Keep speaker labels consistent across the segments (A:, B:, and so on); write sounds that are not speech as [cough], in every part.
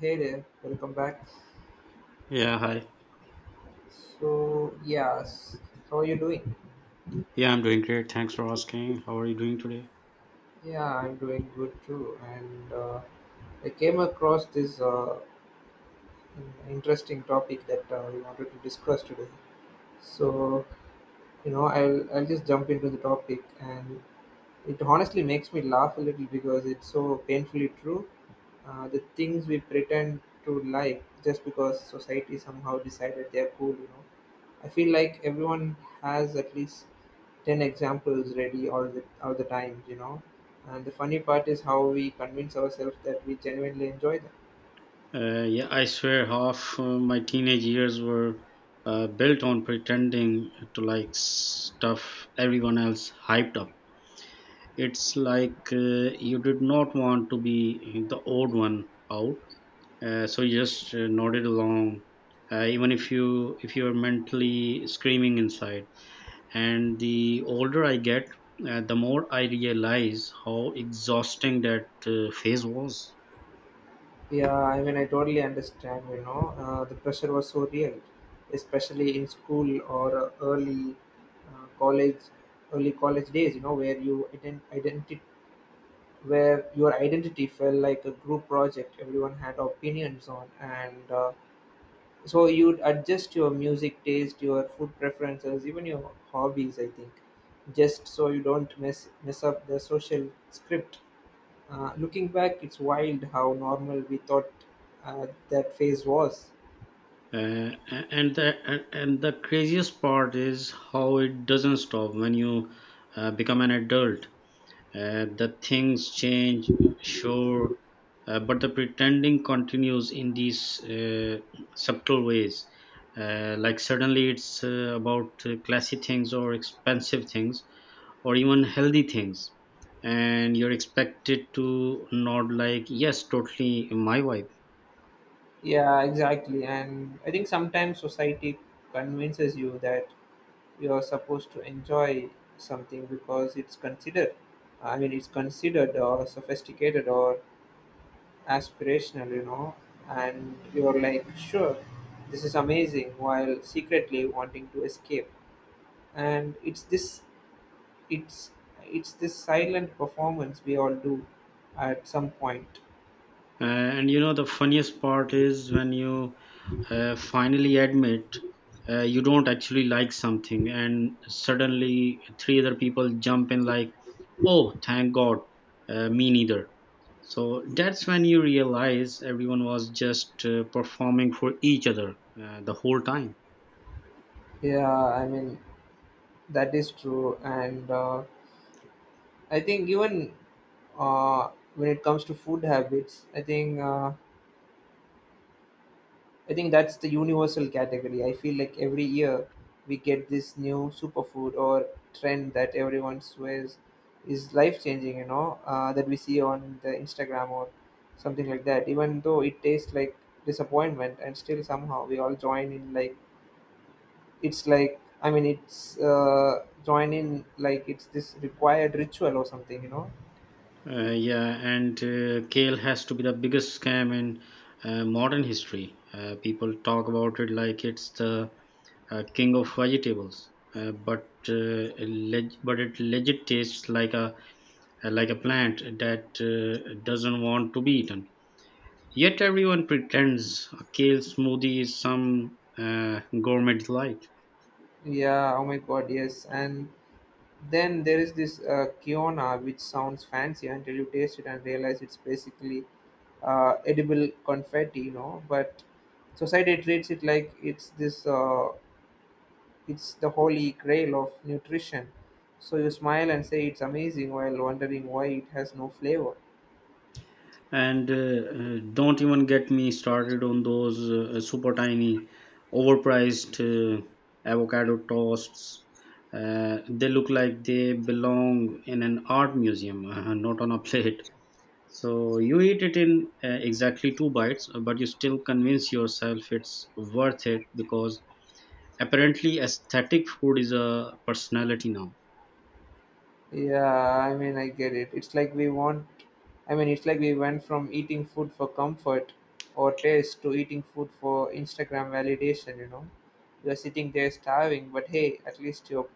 A: Hey there, welcome back.
B: Yeah, hi.
A: So, yes, how are you doing?
B: Yeah, I'm doing great. Thanks for asking. How are you doing today?
A: Yeah, I'm doing good too. And I came across this interesting topic that we wanted to discuss today. So, you know, I'll just jump into the topic, and it honestly makes me laugh a little because it's so painfully true. The things we pretend to like just because society somehow decided they're cool, you know, I feel like everyone has at least 10 examples ready all the time, And the funny part is how we convince ourselves that we genuinely enjoy them.
B: Yeah, I swear half my teenage years were built on pretending to like stuff everyone else hyped up. It's like you did not want to be the odd one out, so you just nodded along, even if you if you're mentally screaming inside. And the older I get, the more I realize how exhausting that phase was.
A: Yeah, I mean, I totally understand, the pressure was so real, especially in school or early college, early college days, you know, where identity, where your identity felt like a group project everyone had opinions on. And so you'd adjust your music taste, your food preferences, even your hobbies, I think, just so you don't mess up the social script. Looking back, it's wild how normal we thought that phase was.
B: Uh, and the craziest part is how it doesn't stop when you become an adult. The things change, sure, but the pretending continues in these subtle ways. Like suddenly it's about classy things or expensive things or even healthy things, and you're expected to nod like, yes, totally, my wife.
A: Yeah, exactly. And I think sometimes society convinces you that you're supposed to enjoy something because it's considered or sophisticated or aspirational, you know, and you're like, sure, this is amazing, while secretly wanting to escape. And it's, it's this silent performance we all do at some point.
B: And you know the funniest part is when you finally admit you don't actually like something, and suddenly three other people jump in like, oh thank god, me neither. So that's when you realize everyone was just performing for each other the whole time.
A: Yeah, I mean that is true, and I think even, uh, when it comes to food habits, I think that's the universal category. I feel like every year we get this new superfood or trend that everyone swears is life changing, you know, that we see on the Instagram or something like that. Even though it tastes like disappointment, and still somehow we all join in like it's like I mean it's join in like it's this required ritual or something, you know.
B: Yeah, and kale has to be the biggest scam in modern history. People talk about it like it's the king of vegetables, but it legit tastes like a plant that doesn't want to be eaten. Yet everyone pretends a kale smoothie is some gourmet delight.
A: Yeah. Oh my God. Yes. And then there is this kiona, which sounds fancy until you taste it and realize it's basically edible confetti, you know. But society treats it like it's the holy grail of nutrition. So you smile and say it's amazing while wondering why it has no flavor.
B: And Don't even get me started on those super tiny overpriced avocado toasts. They look like they belong in an art museum [laughs] not on a plate. So you eat it in exactly two bites, but you still convince yourself it's worth it because apparently aesthetic food is a personality now.
A: Yeah, I mean, I get it. It's like we went from eating food for comfort or taste to eating food for Instagram validation, you know. You're sitting there starving, but hey, at least your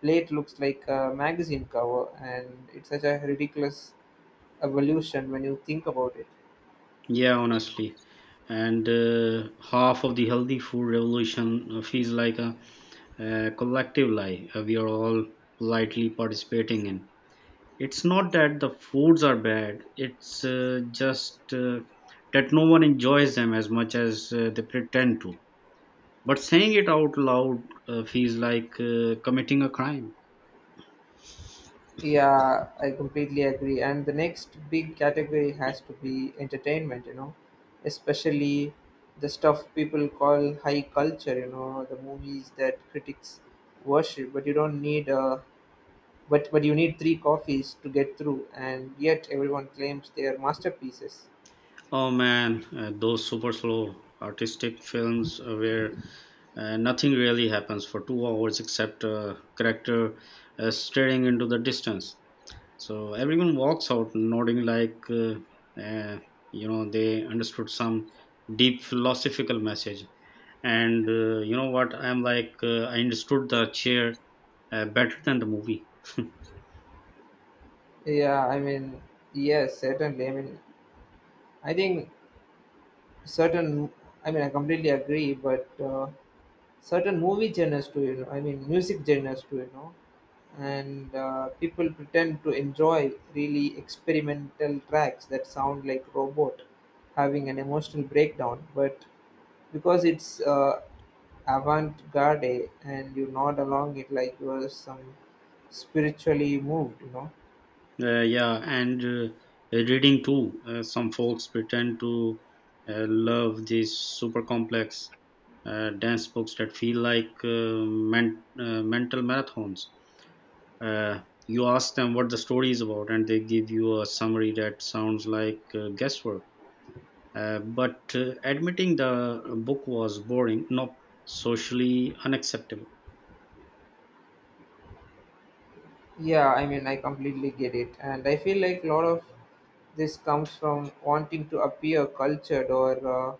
A: plate looks like a magazine cover, and it's such a ridiculous evolution when you think about it.
B: Yeah, honestly. And half of the healthy food revolution feels like a collective lie we are all politely participating in. It's not that the foods are bad, it's just that no one enjoys them as much as they pretend to. But saying it out loud feels like committing a crime.
A: Yeah, I completely agree. And the next big category has to be entertainment, you know, especially the stuff people call high culture, you know, the movies that critics worship, but you don't need but you need three coffees to get through, and yet everyone claims they are masterpieces.
B: Oh man, those super slow artistic films where and nothing really happens for 2 hours except character staring into the distance. So everyone walks out nodding like, uh, you know, they understood some deep philosophical message. And you know what, I'm like, I understood the chair better than the movie.
A: Yeah, I mean, yes, certainly. I mean, I think certain, I completely agree, but certain movie genres to you know, I mean music genres to you know. And people pretend to enjoy really experimental tracks that sound like robot having an emotional breakdown, but because it's avant-garde and you nod along it like you are some spiritually moved, you know.
B: Yeah, and reading too. Some folks pretend to love these super complex, dense books that feel like mental marathons. You ask them what the story is about, and they give you a summary that sounds like guesswork. But admitting the book was boring, no, socially unacceptable.
A: Yeah, I mean, I completely get it. And I feel like a lot of this comes from wanting to appear cultured or,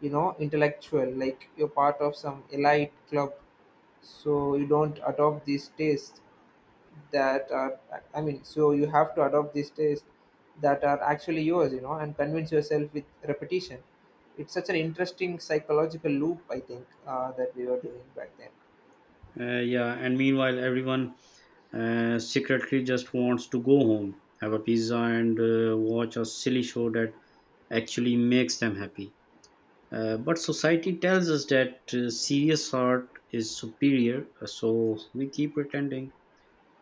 A: you know, intellectual, like you're part of some elite club. So you don't adopt these tastes that are, I mean, So you have to adopt these tastes that are actually yours, you know, and convince yourself with repetition. It's such an interesting psychological loop, I think, that we were doing back then.
B: Yeah, and meanwhile, everyone secretly just wants to go home, have a pizza, and watch a silly show that actually makes them happy. But society tells us that serious art is superior, so we keep pretending.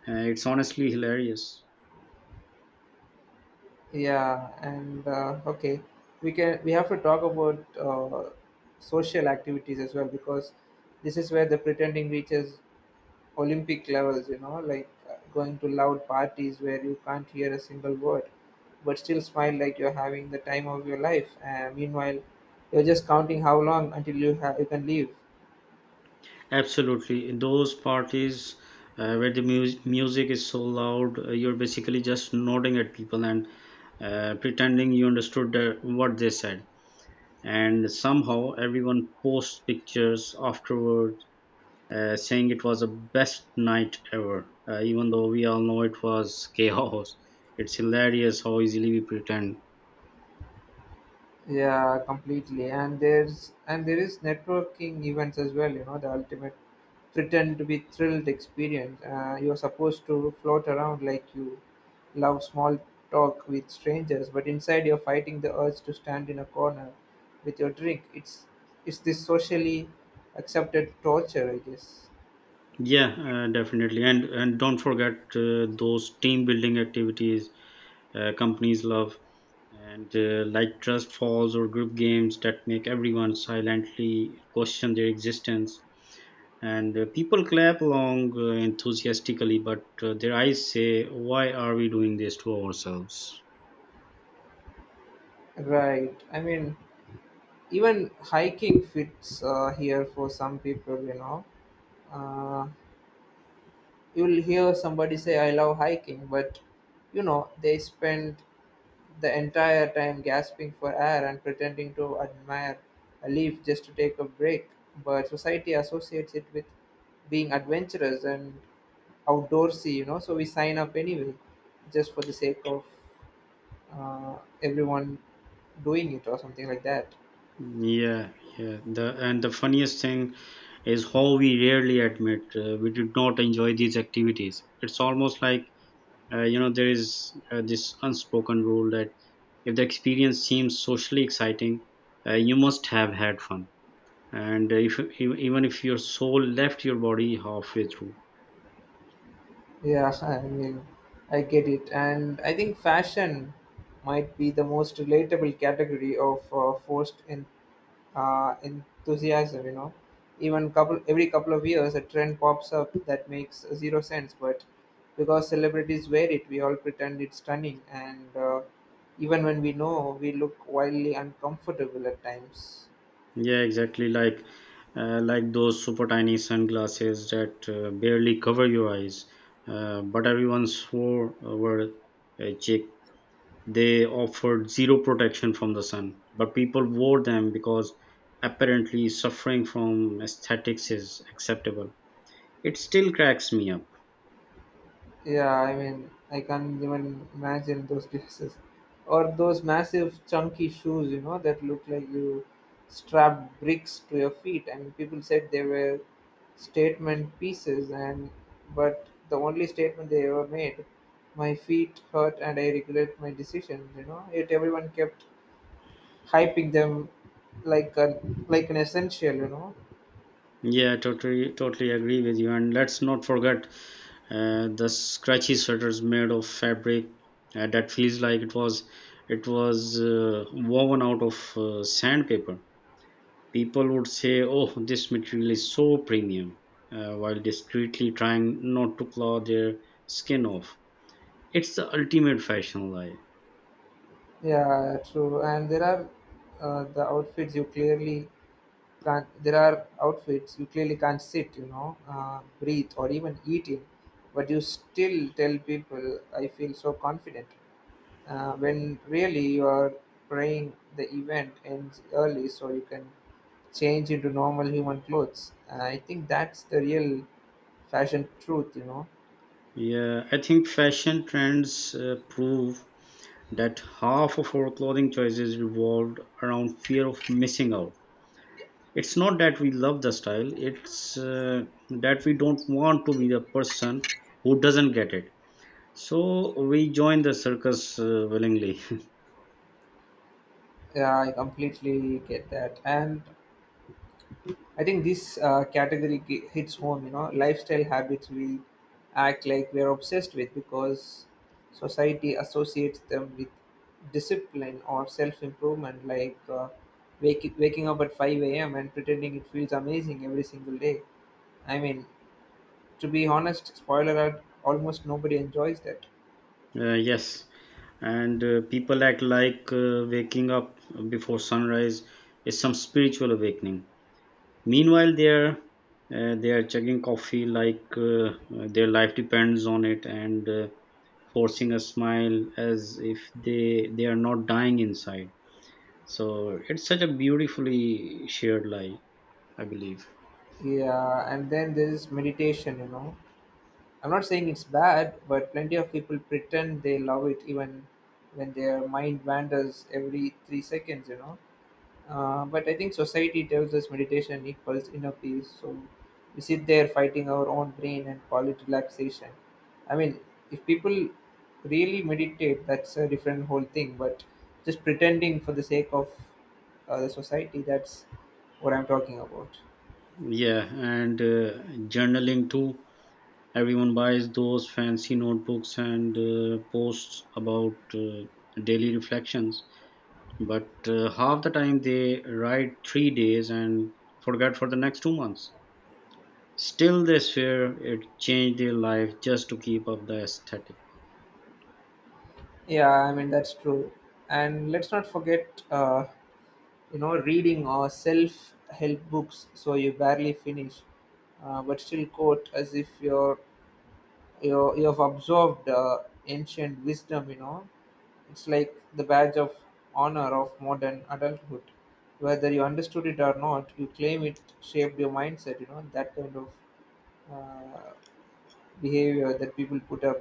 B: It's honestly hilarious.
A: Yeah, and okay, we have to talk about social activities as well, because this is where the pretending reaches Olympic levels. You know, like going to loud parties where you can't hear a single word, but still smile like you're having the time of your life. And meanwhile, you're just counting how long until you can leave.
B: Absolutely. In those parties where the music is so loud, you're basically just nodding at people and pretending you understood what they said. And somehow everyone posts pictures afterwards saying it was the best night ever, even though we all know it was [laughs] chaos. It's hilarious how easily we pretend.
A: Yeah, completely. And there is networking events as well. You know, the ultimate pretend to be thrilled experience. You're supposed to float around like you love small talk with strangers, but inside you're fighting the urge to stand in a corner with your drink. It's this socially accepted torture, I guess.
B: Yeah, definitely. And don't forget those team building activities companies love, and like trust falls or group games that make everyone silently question their existence. And people clap along enthusiastically, but their eyes say, why are we doing this to ourselves?
A: Right. I mean, even hiking fits here for some people, you know. Uh, You'll hear somebody say, I love hiking, but you know, they spend the entire time gasping for air and pretending to admire a leaf just to take a break. But society associates it with being adventurous and outdoorsy, you know, so we sign up anyway just for the sake of uh, everyone doing it or something like that.
B: Yeah yeah the and the funniest thing is how we rarely admit we did not enjoy these activities. It's almost like you know, there is this unspoken rule that if the experience seems socially exciting, you must have had fun. And if ev- even if your soul left your body halfway through.
A: Yeah, [laughs] I mean, I get it. And I think fashion might be the most relatable category of forced in, enthusiasm, you know. Even couple Every couple of years, a trend pops up that makes zero sense, but because celebrities wear it, we all pretend it's stunning, and even when we know, we look wildly uncomfortable at times.
B: Yeah, exactly, like those super tiny sunglasses that barely cover your eyes, but everyone swore were cheap. They offered zero protection from the sun, but people wore them because apparently suffering from aesthetics is acceptable. It still cracks me up.
A: Yeah, I mean, I can't even imagine those dresses, or those massive chunky shoes, you know, that look like you strapped bricks to your feet. I mean, people said they were statement pieces, and but the only statement they ever made, my feet hurt and I regret my decision. You know, yet everyone kept hyping them like a like an essential. You know,
B: Yeah, totally, totally agree with you. And let's not forget the scratchy sweaters made of fabric that feels like it was woven out of sandpaper. People would say, "Oh, this material is so premium," while discreetly trying not to claw their skin off. It's the ultimate fashion lie.
A: yeah, true. And uh, the outfits you clearly there are outfits you clearly can't sit, you know, breathe or even eat in, but you still tell people I feel so confident when really you are praying the event ends early so you can change into normal human clothes. I think that's the real fashion truth, you know.
B: Yeah, I think fashion trends prove that half of our clothing choices revolved around fear of missing out. It's not that we love the style, it's that we don't want to be the person who doesn't get it. So we join the circus willingly. [laughs]
A: Yeah, I completely get that. And I think this hits home, you know, lifestyle habits we act like we're obsessed with because society associates them with discipline or self improvement, like waking up at 5 a.m. and pretending it feels amazing every single day. I mean, to be honest, spoiler alert, almost nobody enjoys that.
B: Yes. And people act like waking up before sunrise is some spiritual awakening. Meanwhile, they are chugging coffee like their life depends on it, and forcing a smile as if they they are not dying inside. So it's such a beautifully shared lie, I believe.
A: Yeah, and then there's meditation, you know, I'm not saying it's bad, but plenty of people pretend they love it even when their mind wanders every 3 seconds, you know. But I think society tells us meditation equals inner peace, so we sit there fighting our own brain and call it relaxation. I mean, if people really meditate, that's a different whole thing, but just pretending for the sake of the society, that's what I'm talking about.
B: Yeah, and journaling too. Everyone buys those fancy notebooks and posts about daily reflections, but half the time they write 3 days and forget for the next 2 months. Still, they swear it changed their life, just to keep up the aesthetic.
A: Yeah, I mean that's true. And let's not forget, you know, reading or self-help books, so you barely finish, but still quote as if you have absorbed ancient wisdom. You know, it's like the badge of honor of modern adulthood. Whether you understood it or not, you claim it shaped your mindset. You know, that kind of uh, behavior that people put up.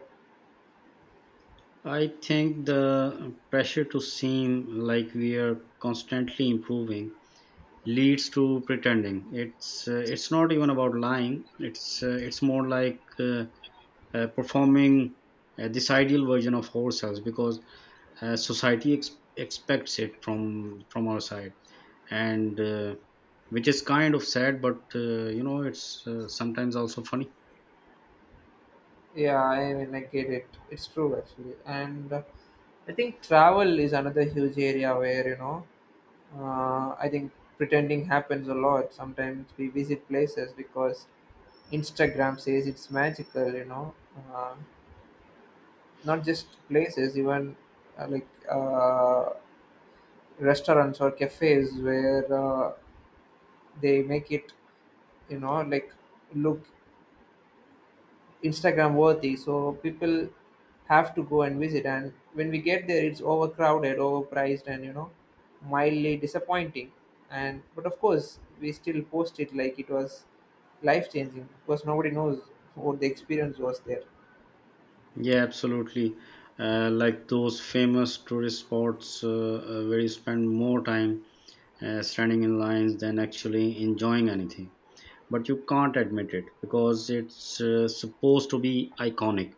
B: I think the pressure to seem like we are constantly improving leads to pretending. It's it's not even about lying, it's more like performing this ideal version of ourselves because society expects it from our side. And which is kind of sad, but you know, it's sometimes also funny.
A: Yeah, I mean, I get it. It's true actually, and I think travel is another huge area where, you know, I think pretending happens a lot. Sometimes we visit places because Instagram says it's magical. You know, uh, not just places, even uh, like uh, restaurants or cafes where they make it, you know, like look Instagram worthy. So people have to go and visit. And when we get there, it's overcrowded, overpriced, and you know, mildly disappointing. And but of course, we still post it like it was life changing because nobody knows what the experience was there.
B: Yeah, absolutely. Uh, like those famous tourist spots where you spend more time standing in lines than actually enjoying anything, but you can't admit it because it's supposed to be iconic.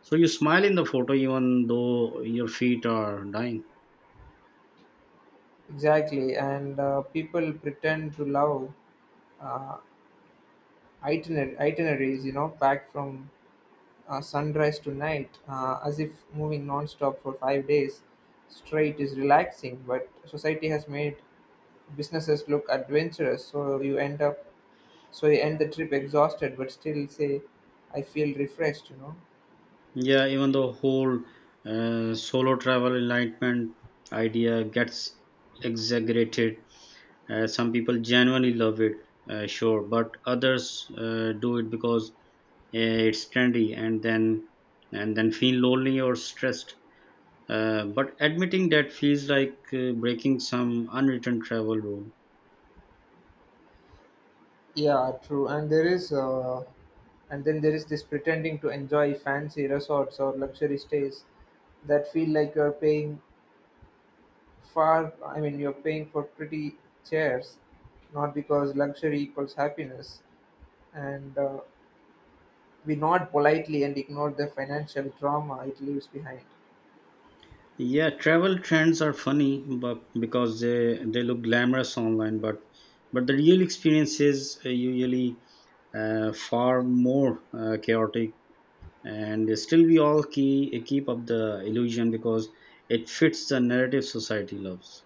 B: So you smile in the photo even though your feet are dying.
A: Exactly, and people pretend to love uh, itineraries, you know, packed from sunrise to night, as if moving non-stop for 5 days straight is relaxing. But society has made businesses look adventurous so you end up you end the trip exhausted but still say I feel refreshed.
B: Yeah, even the whole solo travel enlightenment idea gets exaggerated. Some people genuinely love it, sure, but others do it because it's trendy, and then feel lonely or stressed. But admitting that feels like breaking some unwritten travel rule.
A: Yeah, true. And there is and then there is this pretending to enjoy fancy resorts or luxury stays that feel like you're paying far I mean you're paying for pretty chairs, not because luxury equals happiness. And we nod politely and ignore the financial trauma it leaves behind.
B: Yeah, travel trends are funny, but because they look glamorous online, but the real experience is usually far more chaotic, and still we all keep up the illusion because it fits the narrative society loves.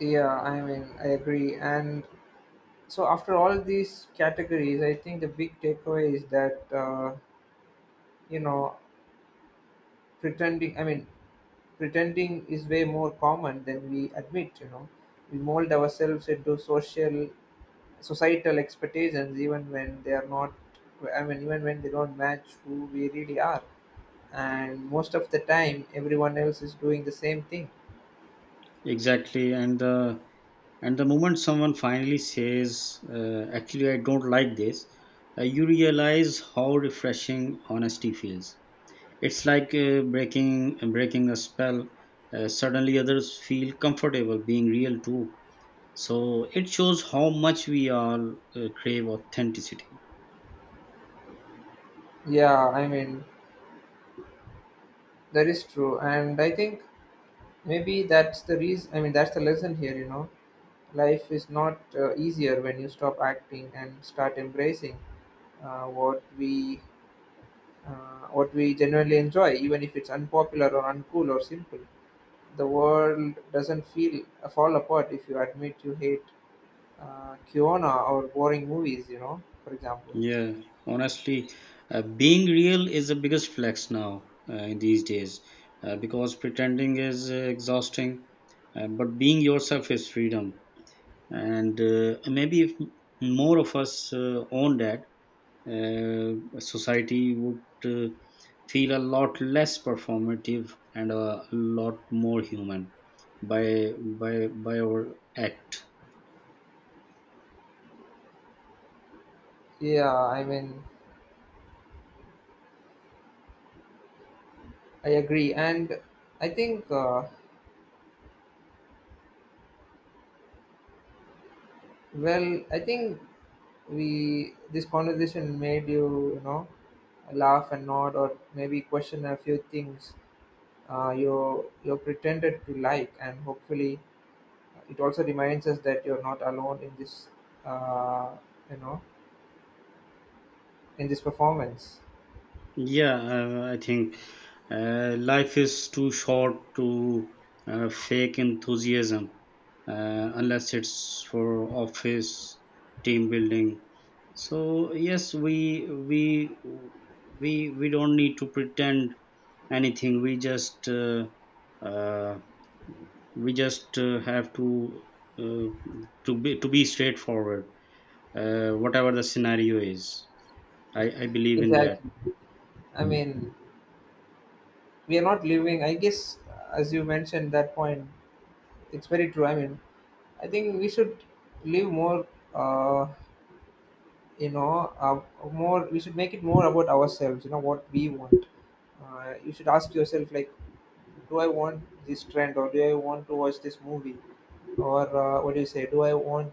A: Yeah, I mean, I agree. And so after all these categories, I think the big takeaway is that, you know pretending I mean pretending is way more common than we admit, you know. We mold ourselves into social societal expectations even when they are not, even when they don't match who we really are, and most of the time everyone else is doing the same thing.
B: Exactly. And the moment someone finally says, "Actually, I don't like this," you realize how refreshing honesty feels. It's like breaking a spell. Suddenly, others feel comfortable being real too. So it shows how much we all crave authenticity.
A: Yeah, I mean, that is true. And I think maybe that's the reason, that's the lesson here, you know. Life is not easier when you stop acting and start embracing uh, what we what we genuinely enjoy, even if it's unpopular or uncool or simple. The world doesn't feel fall apart if you admit you hate Kiona or boring movies, you know, for example.
B: Yeah, honestly, being real is the biggest flex now, in these days, because pretending is exhausting, but being yourself is freedom. And maybe if more of us own that. uh, Society would feel a lot less performative and a lot more human by our act.
A: Yeah, I mean, I agree. And I think, well, I think we this conversation made you you know laugh and nod or maybe question a few things you pretended to like, and hopefully it also reminds us that you're not alone in this, uh, you know in this performance.
B: Yeah, I think life is too short to fake enthusiasm, unless it's for office team building. So yes, we we don't need to pretend anything. We just uh, we just have to uh, to be straightforward, whatever the scenario is. I believe in that.
A: Exactly. I mean, we are not living, I guess, as you mentioned that point, it's very true. I mean, I think we should live more, uh, you know uh, more. We should make it more about ourselves, you know, what we want. You should ask yourself, like, do I want this trend, or do I want to watch this movie, or what do you say, do I want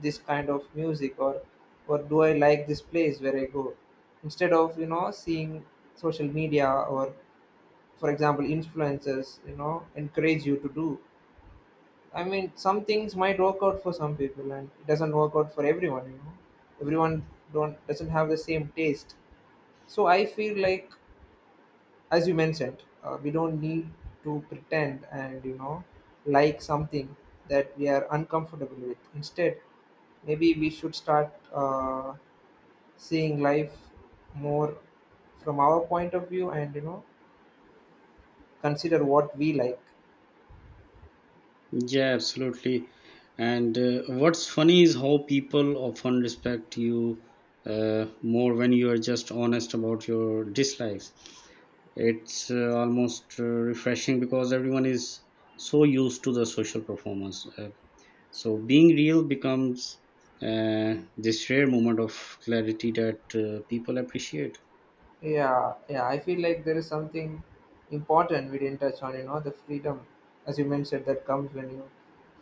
A: this kind of music, or do I like this place where I go, instead of, you know, seeing social media or, for example, influencers, you know, encourage you to do. I mean, some things might work out for some people, and it doesn't work out for everyone. You know, everyone don't doesn't have the same taste. So I feel like, as you mentioned, we don't need to pretend and, you know, like something that we are uncomfortable with. Instead, maybe we should start seeing life more from our point of view, and you know, consider what we like.
B: Yeah, absolutely. And what's funny is how people often respect you more when you are just honest about your dislikes. It's almost refreshing because everyone is so used to the social performance. So being real becomes this rare moment of clarity that people appreciate.
A: Yeah, yeah. I feel like there is something important we didn't touch on, you know, the freedom, as you mentioned, that comes when you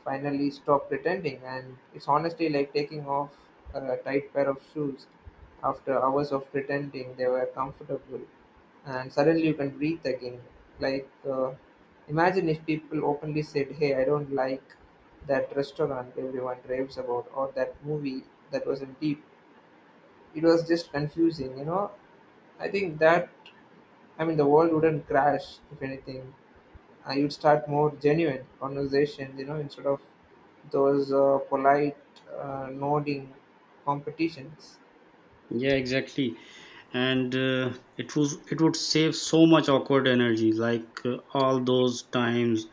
A: finally stop pretending. And it's honestly like taking off a tight pair of shoes after hours of pretending they were comfortable. And suddenly you can breathe again. Like, imagine if people openly said, "Hey, I don't like that restaurant everyone raves about, or that movie that wasn't deep. It was just confusing," you know. I think that I mean, the world wouldn't crash, if anything. You'd start more genuine conversations, you know, instead of those polite, nodding competitions.
B: Yeah, exactly. And it would save so much awkward energy, like all those times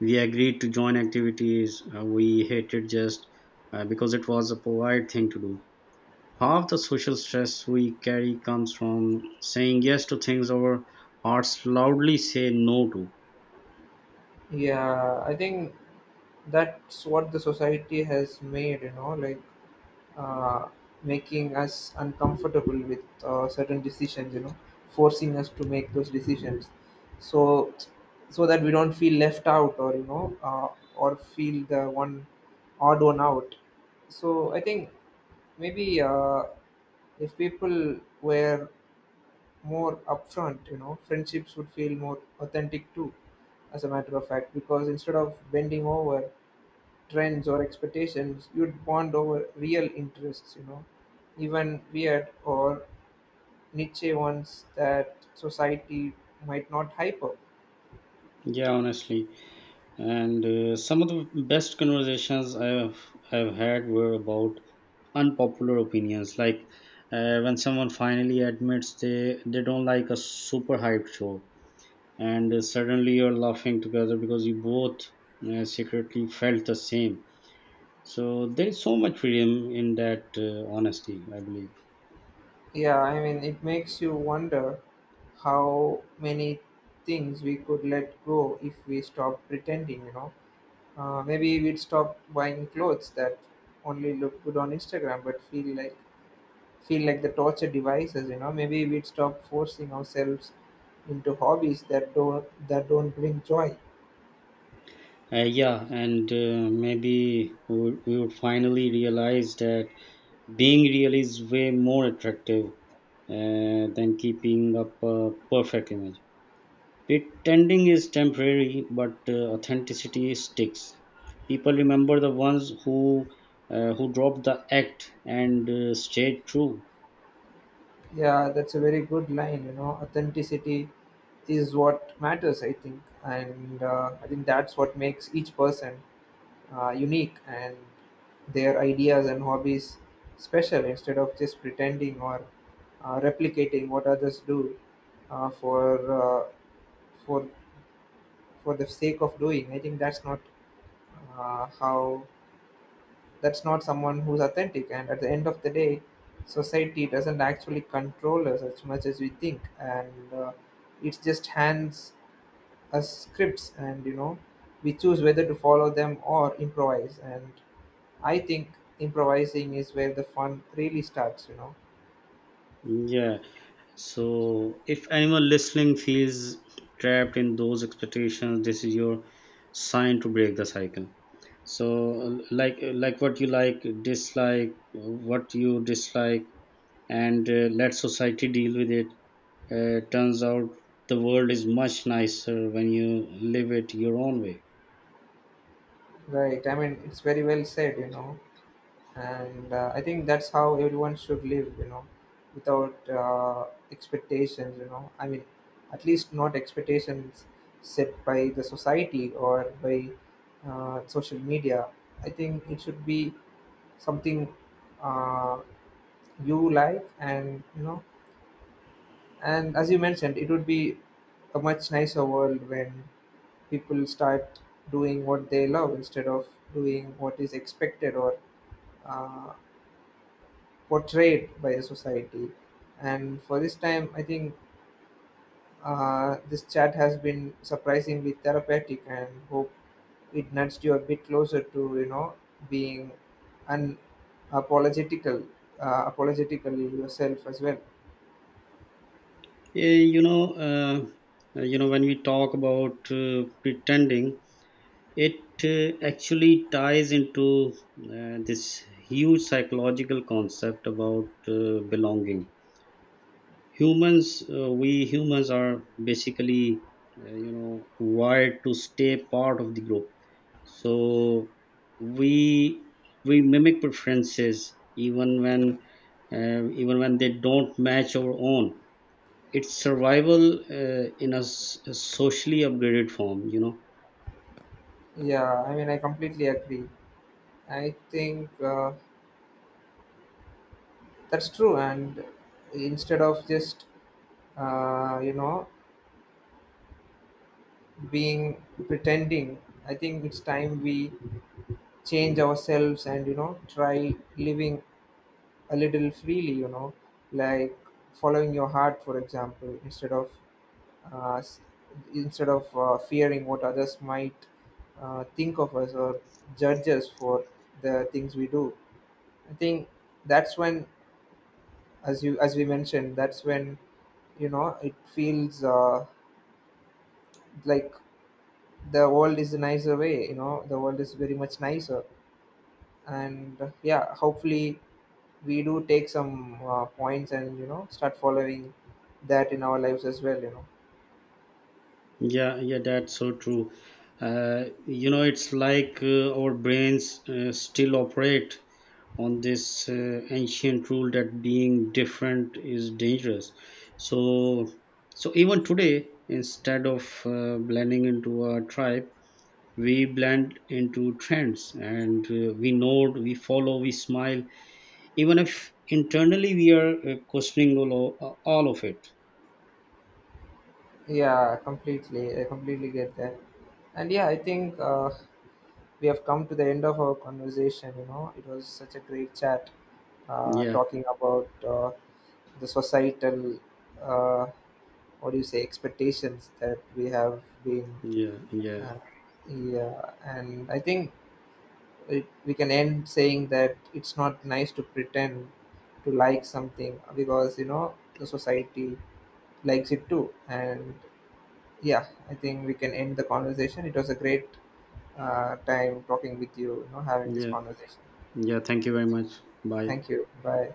B: we agreed to join activities we hated, just because it was a polite thing to do. Half the social stress we carry comes from saying yes to things our hearts loudly say no to.
A: Yeah, I think that's what the society has made, you know, like, uh, making us uncomfortable with certain decisions, you know, forcing us to make those decisions, so so that we don't feel left out, or you know, or feel the one odd one out. So I think maybe, if people were more upfront, you know, friendships would feel more authentic too, as a matter of fact, because instead of bending over trends or expectations, you'd bond over real interests, you know, even weird or niche ones that society might not hype up.
B: Yeah, honestly. And some of the best conversations I've had were about unpopular opinions, like when someone finally admits they don't like a super hyped show, and suddenly you're laughing together because you both secretly felt the same. So there is so much freedom in that honesty, I believe.
A: Yeah, I mean, it makes you wonder how many things we could let go if we stopped pretending, you know. Maybe we'd stop buying clothes that only look good on Instagram but feel like the torture devices, you know. Maybe we'd stop forcing ourselves into hobbies that don't bring joy.
B: Yeah, and maybe we would finally realize that being real is way more attractive than keeping up a perfect image. Pretending is temporary, but authenticity sticks. People remember the ones who dropped the act and stayed true.
A: Yeah, that's a very good line, you know. Authenticity is what matters, I think. And I think that's what makes each person unique, and their ideas and hobbies special, instead of just pretending or replicating what others do uh, for uh, for for the sake of doing. I think that's not how that's not someone who's authentic. And at the end of the day, society doesn't actually control us as much as we think. And it just hands us scripts, and you know, we choose whether to follow them or improvise. And I think improvising is where the fun really starts, you know.
B: Yeah. So, if anyone listening feels trapped in those expectations, this is your sign to break the cycle. So, like what you like, dislike what you dislike, and let society deal with it. Turns out the world is much nicer when you live it your own way.
A: Right, I mean, it's very well said, you know. And I think that's how everyone should live, you know, without expectations, you know. I mean, at least not expectations set by the society or by social media. I think it should be something uh, you like, and you know, and as you mentioned, it would be a much nicer world when people start doing what they love, instead of doing what is expected or uh, portrayed by a society. And for this time, I think this chat has been surprisingly therapeutic, and hope it nudged you a bit closer to, you know, being unapologetical, apologetically yourself as well.
B: Eh, you know, uh, you know, when we talk about pretending, it actually ties into this huge psychological concept about belonging. Humans, we humans are basically you know, wired to stay part of the group. So we we mimic preferences even when they don't match our own. It's survival, a socially upgraded form, you know.
A: Yeah, I mean, I completely agree. I think that's true. And instead of just, uh, you know, being pretending, I think it's time we change ourselves and, you know, try living a little freely, you know, like following your heart, for example, instead of uh, s- fearing what others might think of us or judge us for the things we do. I think that's when, as we mentioned, that's when, you know, it feels, like the world is a nicer way, you know, the world is very much nicer. And yeah, hopefully we do take some points, and you know, start following that in our lives as well, you know.
B: Yeah, yeah, that's so true. You know, it's like our brains still operate on this ancient rule that being different is dangerous. So, even today, instead of blending into a tribe, we blend into trends, and we nod, we follow, we smile, even if internally we are questioning all of it.
A: Yeah, completely. I completely get that. And yeah, I think we have come to the end of our conversation, you know. It was such a great chat,
B: Yeah,
A: talking about the societal, uh, what do you say, expectations that we have been,
B: yeah, yeah,
A: uh, yeah. And I think we can end saying that it's not nice to pretend to like something because, you know, the society likes it too. And yeah, I think we can end the conversation. It was a great time talking with you, you know, having this
B: yeah.
A: conversation.
B: Yeah, thank you very much. Bye.
A: Thank you. Bye.